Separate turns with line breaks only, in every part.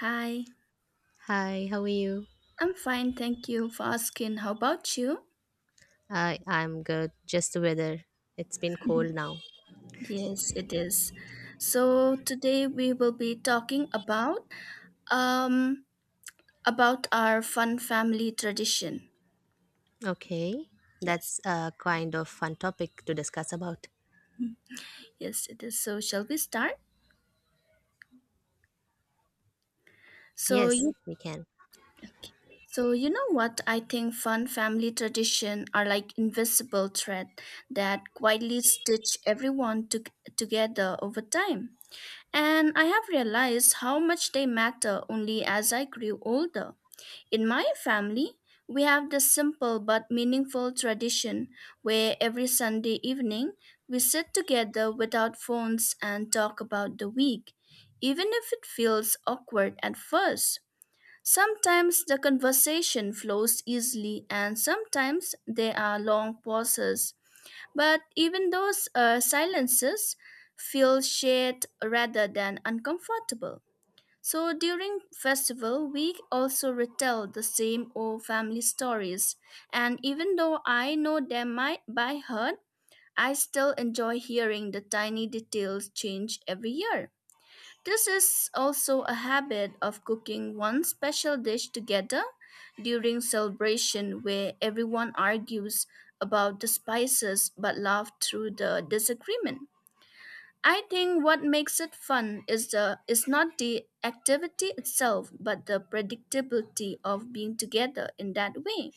Hi,
Hi, how are you?
I'm fine, thank you for asking. How about you?
I'm good. Just the weather. It's been cold now.
Yes, it is. So today we will be talking um about our fun family tradition.
Okay.
Yes.
That's a kind of fun topic to discuss about.
Yes, it is. So shall we start? So
Yes,
you
we can.
so what I think fun family tradition are like invisible thread that quietly together over time. And I have realized how much they matter only as I grew older. In my family, we have the simple but meaningful tradition where every Sunday evening we sit together without phones and talk about the week, even if it feels awkward at first. Sometimes the conversation flows easily, and sometimes there are long pauses. But even those silences feel shared rather than uncomfortable. So during festival, we also retell the same old family stories, and even though I know them might by heart, I still enjoy hearing the tiny details change every year. This is also a habit of cooking one special dish together during celebration where everyone argues about the spices but laugh through the disagreement. I think what makes it fun is the is not the activity itself, but the predictability of being together in that way.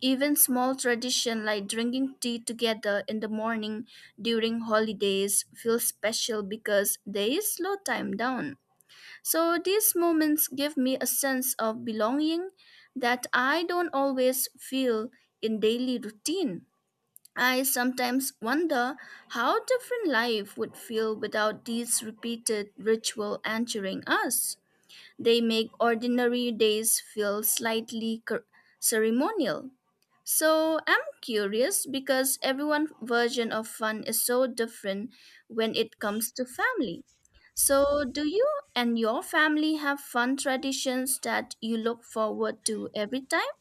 Even small tradition like drinking tea together in the morning during holidays feel special because they slow time down. So these moments give me a sense of belonging that I don't always feel in daily routine. I sometimes wonder how different life would feel without these repeated ritual anchoring us. They make ordinary days feel slightly ceremonial. So I'm curious because everyone's version of fun is so different when it comes to family. So, do you and your family have fun traditions that you look forward to every time?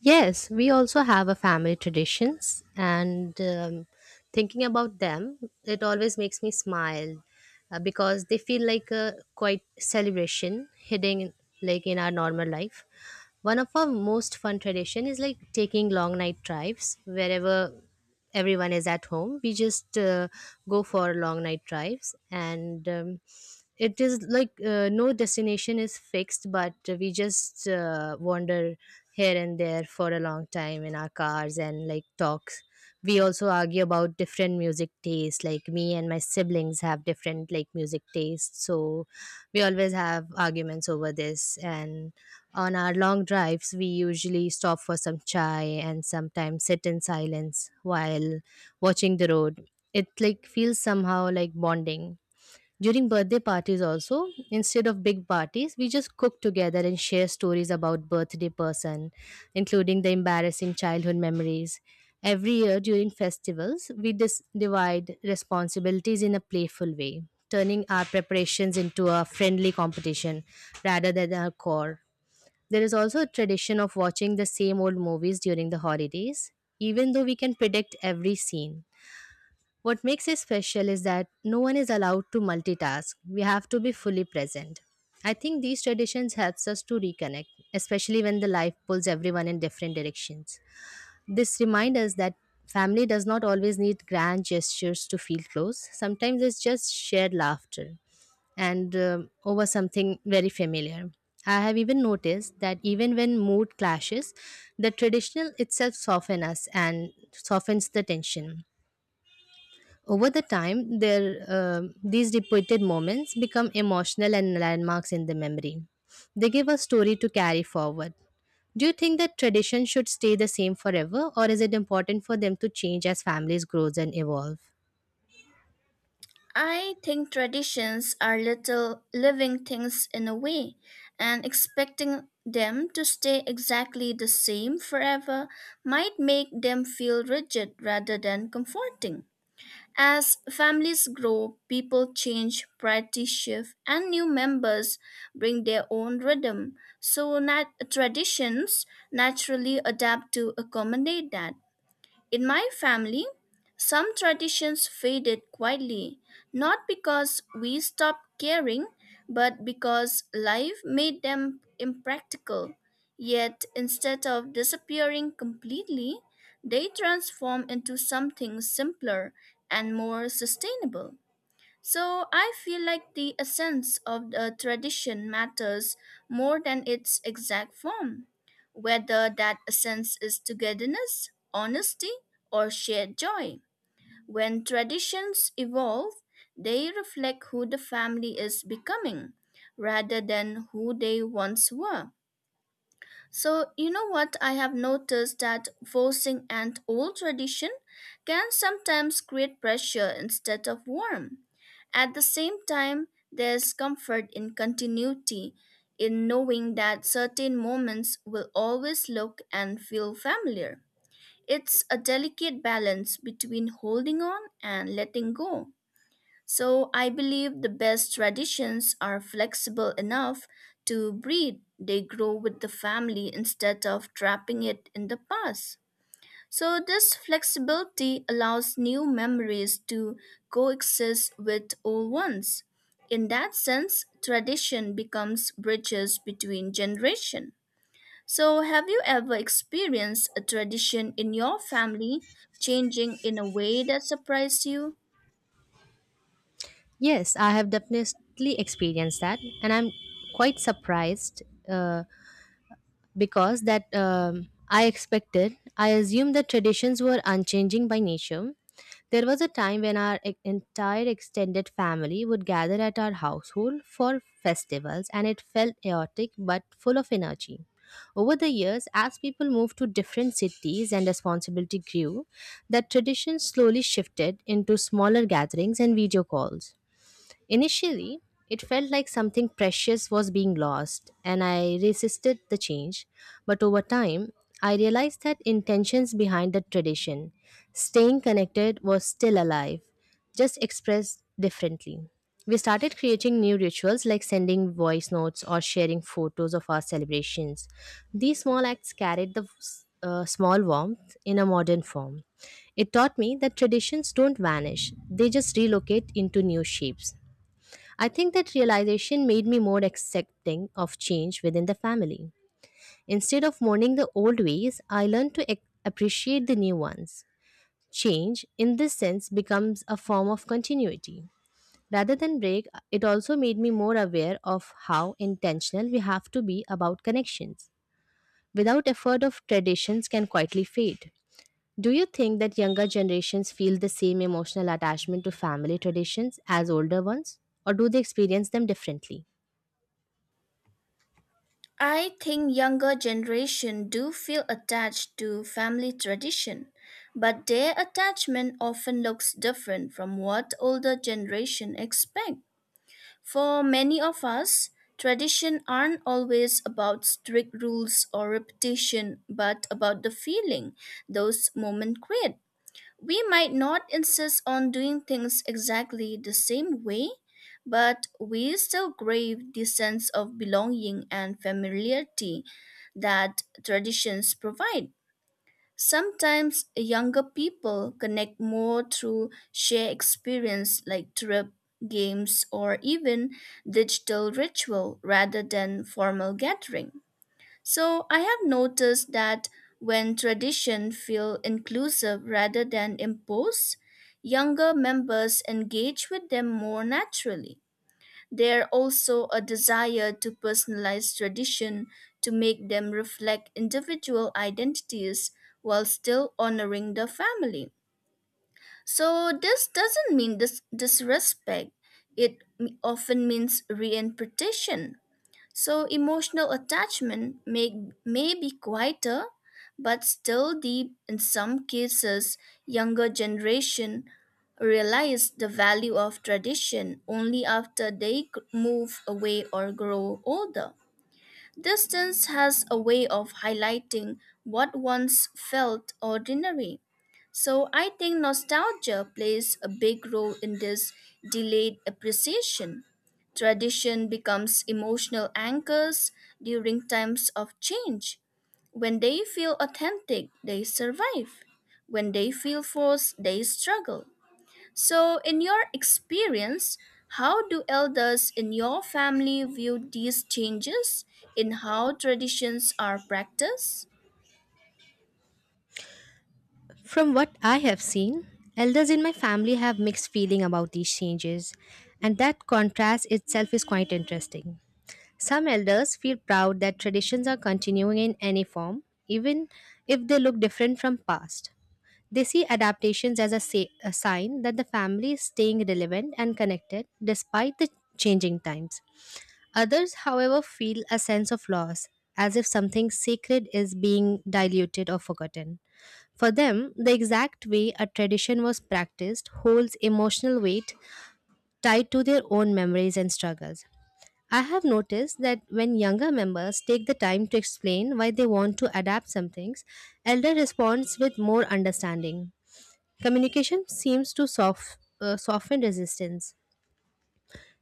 Yes, we also have a family traditions and thinking about them, it always makes me smile because they feel like a quite celebration hidden like in our normal life. One of our most fun tradition is like taking long night drives wherever everyone is at home. We just go for long night drives and it is like no destination is fixed, but we just wander here and there for a long time in our cars and like talks. We also argue about different music tastes like me and my siblings have different like music tastes, so we always have arguments over this. And on our long drives we usually stop for some chai and sometimes sit in silence while watching the road. It like feels somehow like bonding. During birthday parties, also, instead of big parties, we just cook together and share stories about birthday person, including the embarrassing childhood memories. Every year during festivals, divide responsibilities in a playful way, turning our preparations into a friendly competition rather than a core. There is also a tradition of watching the same old movies during the holidays, even though we can predict every scene. What makes it special is that no one is allowed to multitask. We have to be fully present. I think these traditions helps us to reconnect, especially when the life pulls everyone in different directions. This reminds us that family does not always need grand gestures to feel close. Sometimes it's just shared laughter and over something very familiar. I have even noticed that even when mood clashes, the traditional itself softens us and softens the tension. Over the time, these repeated moments become emotional and landmarks in the memory. They give a story to carry forward. Do you think that tradition should stay the same forever, or is it important for them to change as families grow and evolve?
I think traditions are little living things in a way, and expecting them to stay exactly the same forever might make them feel rigid rather than comforting. As families grow, people change, priorities shift, and new members bring their own rhythm. So, traditions naturally adapt to accommodate that. In my family, some traditions faded quietly, not because we stopped caring, but because life made them impractical. Yet, instead of disappearing completely, they transform into something simpler and more sustainable. So I feel like the essence of the tradition matters more than its exact form, whether that essence is togetherness, honesty, or shared joy. When traditions evolve, they reflect who the family is becoming rather than who they once were. So, you know what? I have noticed that forcing an old tradition can sometimes create pressure instead of warmth. At the same time, there's comfort in continuity, in knowing that certain moments will always look and feel familiar. It's a delicate balance between holding on and letting go. So I believe the best traditions are flexible enough to breathe. They grow with the family instead of trapping it in the past. So this flexibility allows new memories to coexist with old ones. In that sense, tradition becomes bridges between generations. So have you ever experienced a tradition in your family changing in a way that surprised you?
Yes, I have definitely experienced that, and I'm quite surprised. Uh, because that I expected. I assumed that traditions were unchanging by nature. There was a time when entire extended family would gather at our household for festivals, and it felt chaotic but full of energy. Over the years, as people moved to different cities and responsibility grew, that tradition slowly shifted into smaller gatherings and video calls. Initially, it felt like something precious was being lost, and I resisted the change. But over time, I realized that intentions behind the tradition, staying connected, was still alive, just expressed differently. We started creating new rituals like sending voice notes or sharing photos of our celebrations. These small acts carried the small warmth in a modern form. It taught me that traditions don't vanish, they just relocate into new shapes. I think that realization made me more accepting of change within the family. Instead of mourning the old ways, I learned to appreciate the new ones. Change, in this sense, becomes a form of continuity. Rather than break, it also made me more aware of how intentional we have to be about connections. Without effort of traditions can quietly fade. Do you think that younger generations feel the same emotional attachment to family traditions as older ones, or do they experience them differently?
I think younger generation do feel attached to family tradition, but their attachment often looks different from what older generation expect. For many of us, tradition aren't always about strict rules or repetition, but about the feeling those moments create. We might not insist on doing things exactly the same way, but we still crave the sense of belonging and familiarity that traditions provide. Sometimes younger people connect more through shared experience like trip, games, or even digital ritual rather than formal gathering. So I have noticed that when tradition feel inclusive rather than imposed, younger members engage with them more naturally. There also a desire to personalize tradition to make them reflect individual identities while still honoring the family. So this doesn't mean disrespect. It often means reinterpretation so emotional may be quieter but still deep in some cases younger generation realize the value of tradition only after they move away or grow older. Distance has a way of highlighting what once felt ordinary. So I think nostalgia plays a big role in this delayed appreciation. Tradition becomes emotional anchors during times of change. When they feel authentic, they survive. When they feel forced, they struggle. So, in your experience, how do elders in your family view these changes in how traditions are practiced?
From what I have seen, elders in my family have mixed feeling about these changes, and that contrast itself is quite interesting. Some elders feel proud that traditions are continuing in any form, even if they look different from past. They see adaptations as a sign that the family is staying relevant and connected despite the changing times. Others, however, feel a sense of loss, as if something sacred is being diluted or forgotten. For them, the exact way a tradition was practiced holds emotional weight tied to their own memories and struggles. I have noticed that when younger members take the time to explain why they want to adapt some things, elder responds with more understanding. Communication seems to soften resistance.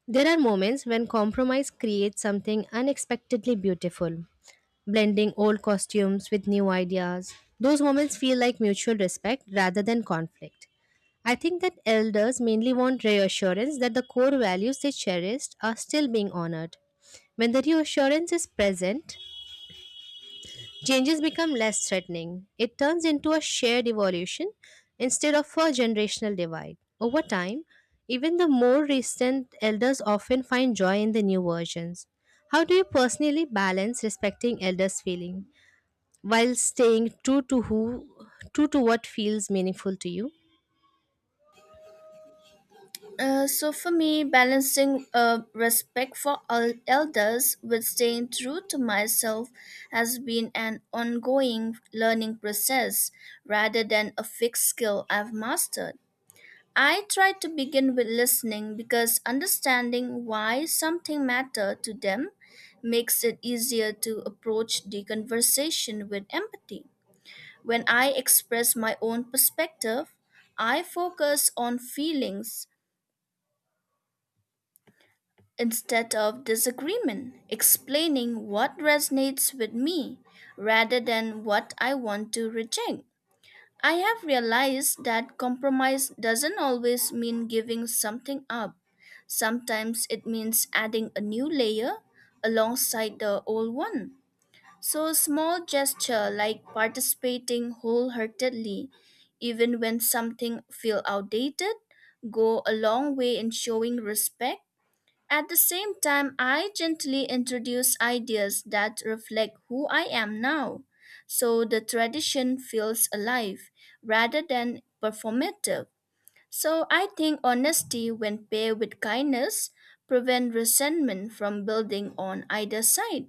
There are moments when compromise creates something unexpectedly beautiful, blending old costumes with new ideas. Those moments feel like mutual respect rather than conflict. I think that elders mainly want reassurance that the core values they cherished are still being honored. When the reassurance is present, changes become less threatening. It turns into a shared evolution instead of a generational divide. Over time, even the more recent elders often find joy in the new versions. How do you personally balance respecting elders' feeling while staying true to who true to what feels meaningful to you?
So, for me, balancing respect for elders with staying true to myself has been an ongoing learning process rather than a fixed skill I've mastered. I try to begin with listening because understanding why something mattered to them makes it easier to approach the conversation with empathy. When I express my own perspective, I focus on feelings instead of disagreement, explaining what resonates with me rather than what I want to reject. I have realized that compromise doesn't always mean giving something up. Sometimes it means adding a new layer alongside the old one. So, a small gesture like participating wholeheartedly, even when something feels outdated, go a long way in showing respect. At the same time, I gently introduce ideas that reflect who I am now, so the tradition feels alive rather than performative. So I think honesty, when paired with kindness, prevent resentment from building on either side.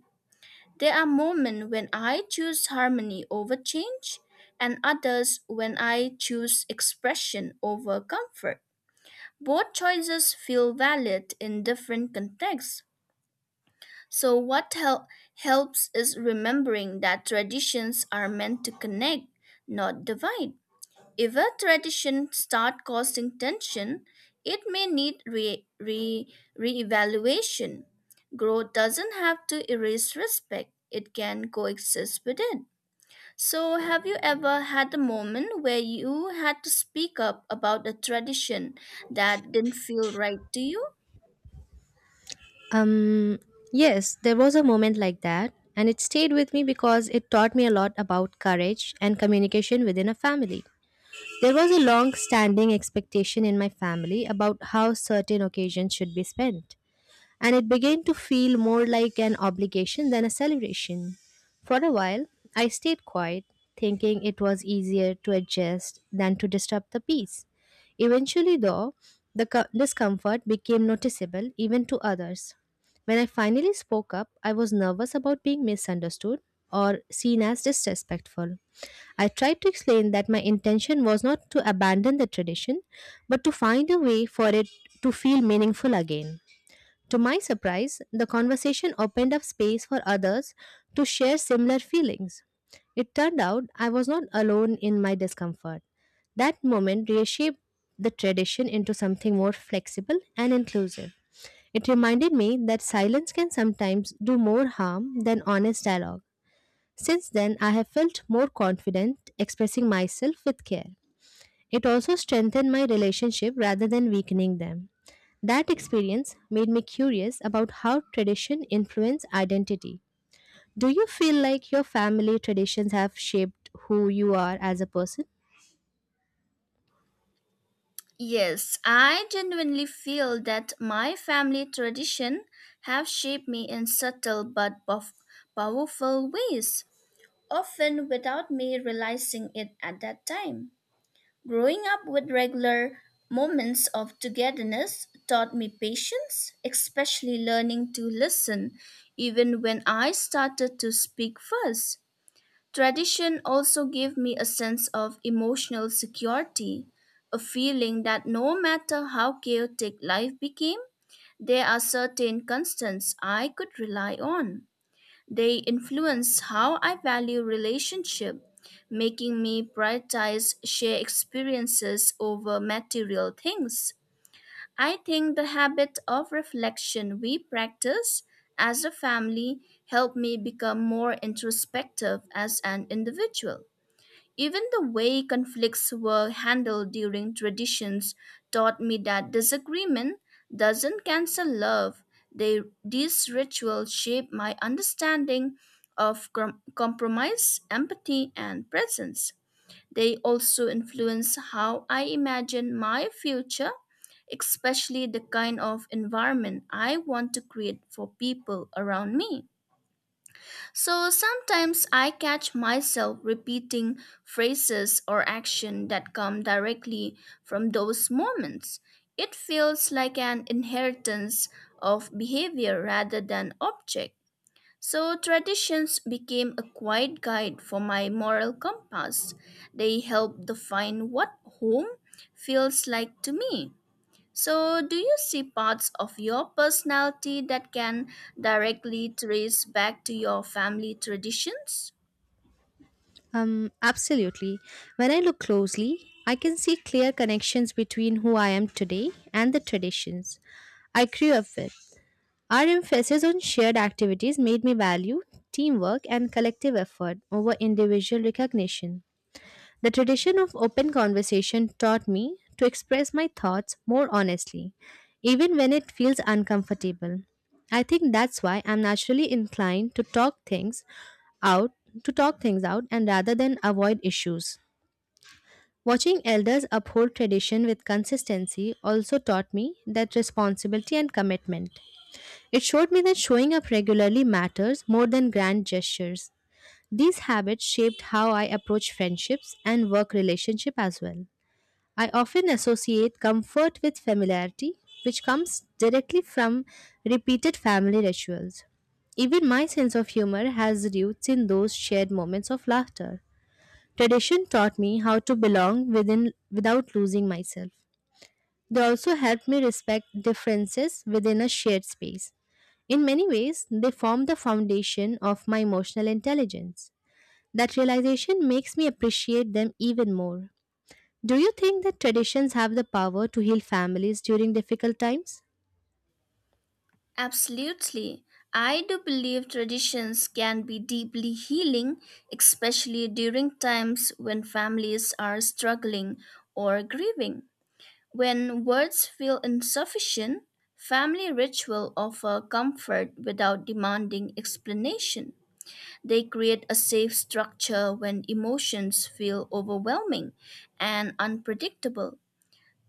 There are moments when I choose harmony over change, and others when I choose expression over comfort. Both choices feel valid in different contexts. So, what helps is remembering that traditions are meant to connect, not divide. If a tradition start causing tension, it may need reevaluation. Growth doesn't have to erase respect; it can coexist with it. So, have you ever had a moment where you had to speak up about a tradition that didn't feel right to you?
Um, yes, there was a moment like that, and it stayed with me because it taught me a lot about courage and communication within a family. There was a long standing expectation in my family about how certain occasions should be spent, and it began to feel more like an obligation than a celebration. For a while, I stayed quiet, thinking it was easier to adjust than to disturb the peace. Eventually, though, the discomfort became noticeable even to others. When I finally spoke up, I was nervous about being misunderstood or seen as disrespectful. I tried to explain that my intention was not to abandon the tradition, but to find a way for it to feel meaningful again. To my surprise, the conversation opened up space for others to share similar feelings. It turned out I was not alone in my discomfort. That moment reshaped the tradition into something more flexible and inclusive. It reminded me that silence can sometimes do more harm than honest dialogue. Since then, I have felt more confident expressing myself with care. It also strengthened my relationship rather than weakening them. That experience made me curious about how tradition influence identity. Do you feel like your family traditions have shaped who you are as a person?
Yes, I genuinely feel that my family tradition have shaped me in subtle but powerful ways, often without me realizing it at that time. Growing up with regular moments of togetherness taught me patience, especially learning to listen even when I started to speak first. Tradition also gave me a sense of emotional security, a feeling that no matter how chaotic life became, there are certain constants I could rely on. They influence how I value relationship, making me prioritize shared experiences over material things. I think the habit of reflection we practice as a family helped me become more introspective as an individual. Even the way conflicts were handled during traditions taught me that disagreement doesn't cancel love. These rituals shape my understanding of compromise, empathy, and presence. They also influence how I imagine my future, especially the kind of environment I want to create for people around me. So sometimes I catch myself repeating phrases or action that come directly from those moments. It feels like an inheritance of behavior rather than object. So, traditions became a quiet guide for my moral compass. They help define what home feels like to me. So, do you see parts of your personality that can directly trace back to your family traditions?
Absolutely. When I look closely, I can see clear connections between who I am today and the traditions I grew up with. Our emphasis on shared activities made me value teamwork and collective effort over individual recognition. The tradition of open conversation taught me to express my thoughts more honestly, even when it feels uncomfortable. I think that's why I'm naturally inclined to out, to talk things out and rather than avoid issues. Watching elders uphold tradition with consistency also taught me that responsibility and commitment. It showed me that showing up regularly matters more than grand gestures. These habits shaped how I approach friendships and work relationship as well. I often associate comfort with familiarity, which comes directly from repeated family rituals. Even my sense of humor has roots in those shared moments of laughter. Tradition taught me how to belong within without losing myself. They also helped me respect differences within a shared space. In many ways, they form the foundation of my emotional intelligence. That realization makes me appreciate them even more. Do you think that traditions have the power to heal families during difficult times?
Absolutely. I do believe traditions can be deeply healing, especially during times when families are struggling or grieving. When words feel insufficient, family ritual offer comfort without demanding explanation. They create a safe structure when emotions feel overwhelming and unpredictable.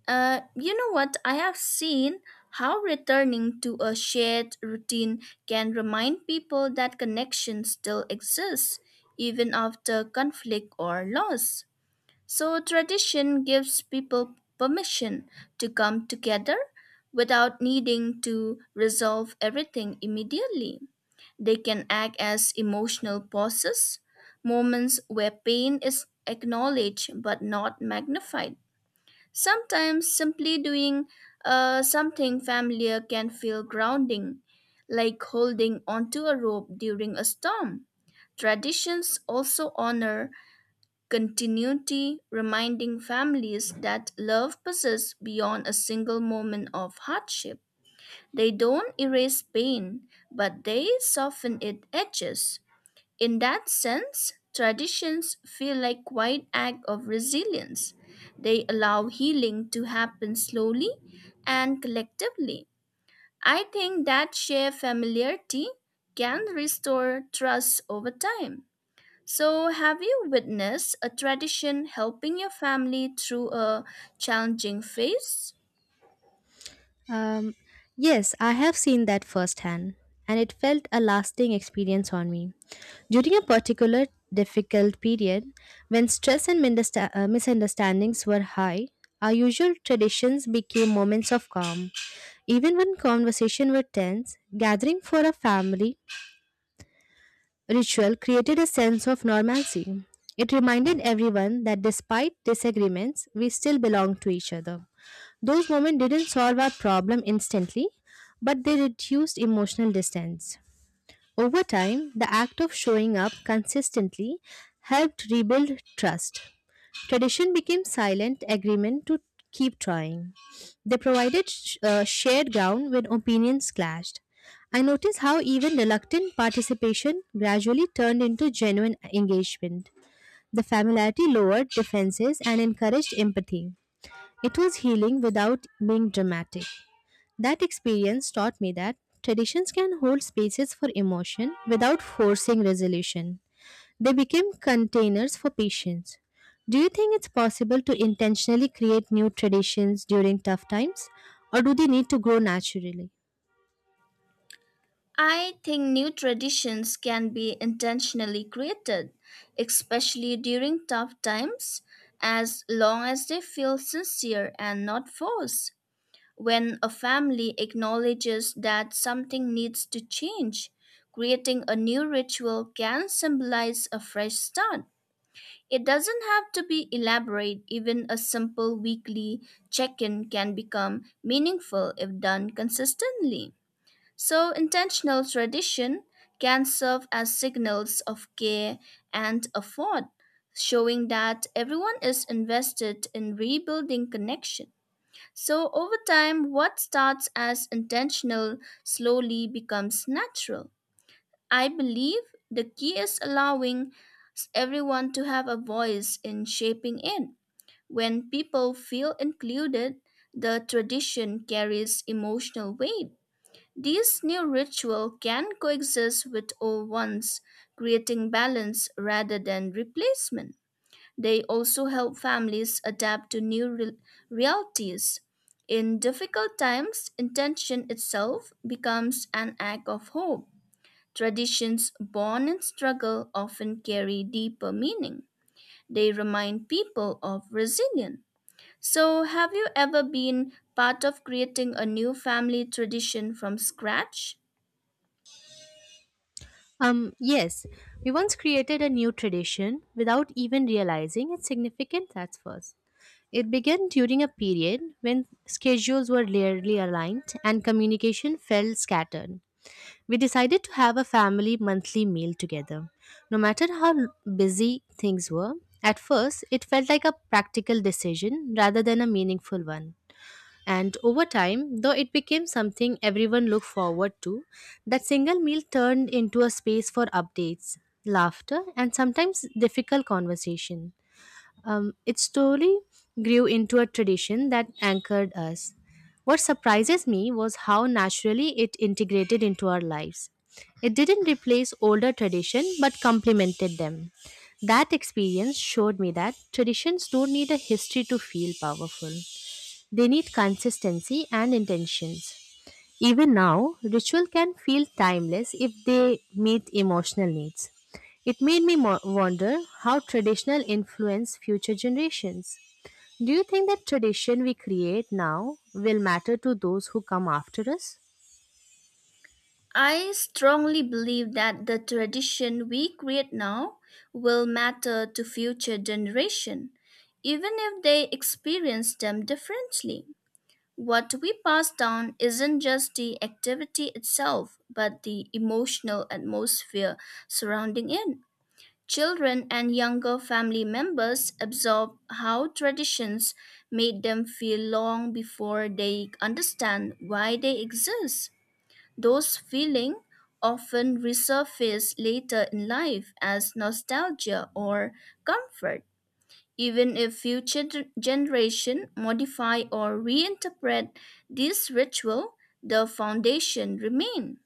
You know what? I have seen how returning to a shared routine can remind people that connection still exists, even after conflict or loss. So, tradition gives people permission to come together without needing to resolve everything immediately. They can act as emotional pauses, moments where pain is acknowledged but not magnified. Sometimes simply doing something familiar can feel grounding, like holding onto a rope during a storm. Traditions also honor continuity, reminding families that love persists beyond a single moment of hardship. They don't erase pain, but they soften its edges. In that sense, traditions feel like quiet act of resilience. They allow healing to happen slowly and collectively. I think that shared familiarity can restore trust over time. So, have you witnessed a tradition helping your family through a challenging phase?
Um, yes, I have seen that firsthand, and it felt a lasting experience on me. During a particular difficult period, when stress and misunderstandings were high, our usual traditions became moments of calm. Even when conversations were tense, gathering for a family ritual created a sense of normalcy. It reminded everyone that despite disagreements, we still belong to each other. Those moments didn't solve our problem instantly, but they reduced emotional distance. Over time, the act of showing up consistently helped rebuild trust. Tradition became silent agreement to keep trying. They provided shared ground when opinions clashed. I noticed how even reluctant participation gradually turned into genuine engagement. The familiarity lowered defenses and encouraged empathy. It was healing without being dramatic. That experience taught me that traditions can hold spaces for emotion without forcing resolution. They became containers for patients. Do you think it's possible to intentionally create new traditions during tough times, or do they need to grow naturally?
I think new traditions can be intentionally created, especially during tough times, as long as they feel sincere and not forced. When a family acknowledges that something needs to change, creating a new ritual can symbolize a fresh start. It doesn't have to be elaborate, even a simple weekly check in can become meaningful if done consistently. So, intentional tradition can serve as signals of care and effort, showing that everyone is invested in rebuilding connection. So, over time, what starts as intentional slowly becomes natural. I believe the key is allowing everyone to have a voice in shaping it. When people feel included, the tradition carries emotional weight. These new ritual can coexist with old ones, creating balance rather than replacement. They also help families adapt to new realities. In difficult times, intention itself becomes an act of hope. Traditions born in struggle often carry deeper meaning. They remind people of resilience. So, have you ever been part of creating a new family tradition from scratch?
Yes, we once created a new tradition without even realizing its significance at first. It began during a period when schedules were rarely aligned and communication felt scattered. We decided to have a family monthly meal together. No matter how busy things were, at first it felt like a practical decision rather than a meaningful one. And over time, though, it became something everyone looked forward to. That single meal turned into a space for updates, laughter, and sometimes difficult conversation. It slowly grew into a tradition that anchored us. What surprises me was how naturally it integrated into our lives. It didn't replace older tradition but complemented them. That experience showed me that traditions don't need a history to feel powerful. They need consistency and intentions. Even now, ritual can feel timeless if they meet emotional needs. It made me wonder how traditional influence future generations. Do you think that tradition we create now will matter to those who come after us?
I strongly believe that the tradition we create now will matter to future generation, even if they experience them differently. What we pass down isn't just the activity itself, but the emotional atmosphere surrounding it. Children and younger family members absorb how traditions made them feel long before they understand why they exist. Those feelings often resurface later in life as nostalgia or comfort. Even if future generation modify or reinterpret this ritual, the foundation remain.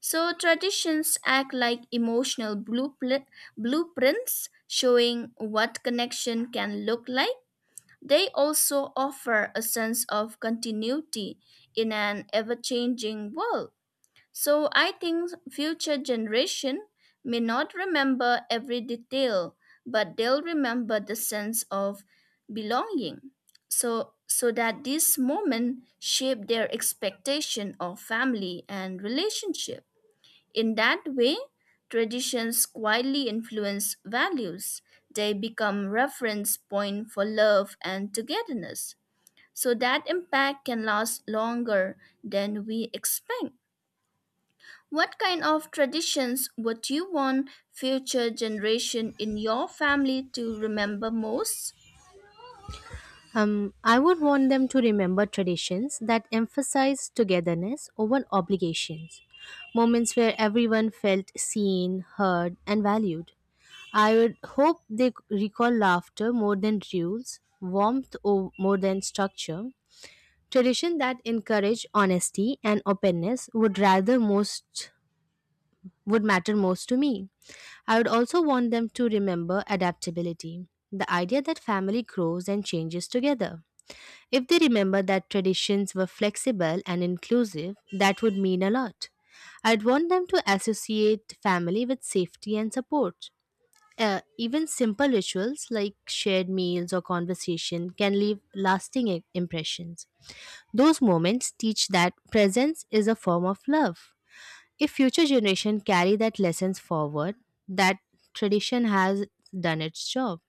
So traditions act like emotional blueprints showing what connection can look like. They also offer a sense of continuity in an ever-changing world. So I think future generation may not remember every detail, but they'll remember the sense of belonging. So that this moment shape their expectation of family and relationship. In that way, traditions quietly influence values. They become reference point for love and togetherness. So that impact can last longer than we expect. What kind of traditions would you want future generation in your family to remember most?
I would want them to remember traditions that emphasize togetherness over obligations, moments where everyone felt seen, heard, and valued. I would hope they recall laughter more than rules, more than structure. Tradition that encourage honesty and openness would matter most to me. I would also want them to remember adaptability, the idea that family grows and changes together. If they remember that traditions were flexible and inclusive, that would mean a lot. I'd want them to associate family with safety and support. Even simple rituals like shared meals or conversation can leave lasting impressions. Those moments teach that presence is a form of love. If future generations carry that lessons forward, that tradition has done its job.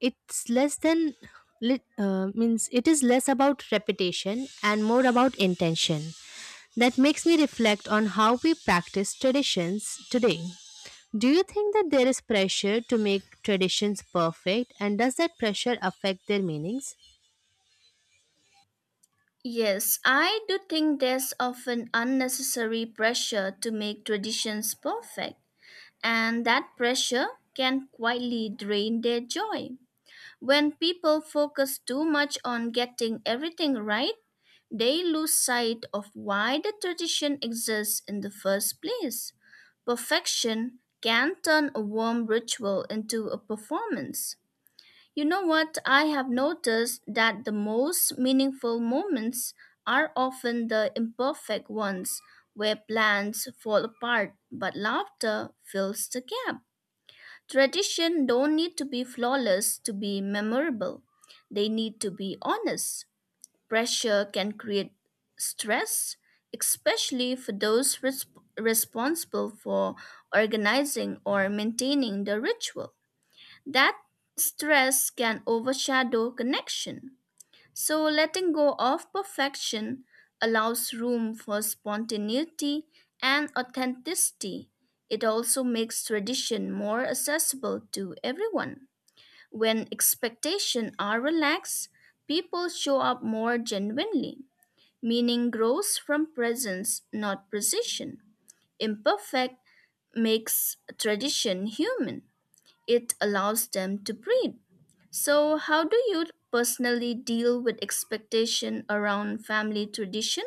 It's less than lit- means it is less about repetition and more about intention. That makes me reflect on how we practice traditions today. Do you think that there is pressure to make traditions perfect, and does that pressure affect their meanings?
Yes, I do think there's often unnecessary pressure to make traditions perfect, and that pressure can quietly drain their joy. When people focus too much on getting everything right, they lose sight of why the tradition exists in the first place. Perfection can turn a warm ritual into a performance. You know what? I have noticed that the most meaningful moments are often the imperfect ones where plans fall apart but laughter fills the gap. Tradition don't need to be flawless to be memorable. They need to be honest. Pressure can create stress, especially for those responsible for organizing or maintaining the ritual. That stress can overshadow connection. So, letting go of perfection allows room for spontaneity and authenticity. It also makes tradition more accessible to everyone. When expectations are relaxed, people show up more genuinely. Meaning grows from presence, not precision. Imperfect makes tradition human, it allows them to breed. So, how do you personally deal with expectation around family tradition?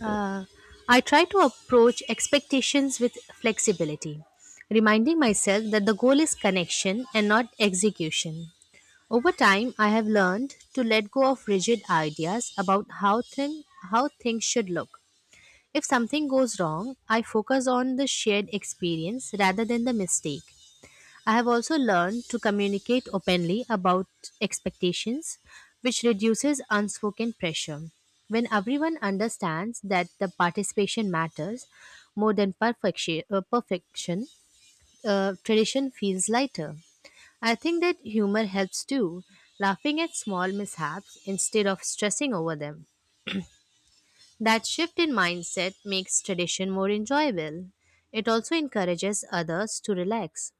Uh, I try to approach expectations with flexibility, reminding myself that the goal is connection and not execution. Over time, I have learned to let go of rigid ideas about how things should look. If something goes wrong, I focus on the shared experience rather than the mistake. I have also learned to communicate openly about expectations, which reduces unspoken pressure. When everyone understands that the participation matters more than perfection, tradition feels lighter. I think that humor helps too, laughing at small mishaps instead of stressing over them. That shift in mindset makes tradition more enjoyable. It also encourages others to relax.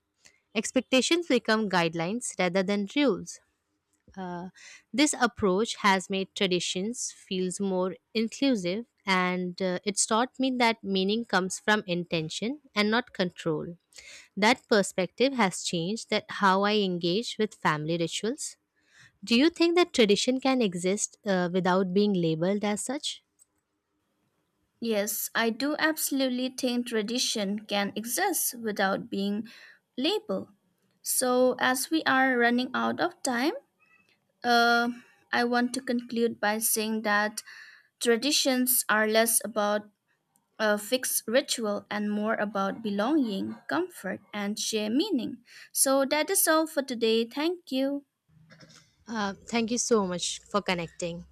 Expectations become guidelines rather than rules. Uh, this approach has made traditions feels more inclusive, and it's taught me that meaning comes from intention and not control. That perspective has changed that how I engage with family rituals. Do you think that tradition can exist without being labeled as such?
Yes, I do absolutely think tradition can exist without being labeled. So, as we are running out of time, uh, I want to conclude by saying that traditions are less about a fixed ritual and more about belonging, comfort, and shared meaning. So that is all for today. Thank you.
Thank you so much for connecting.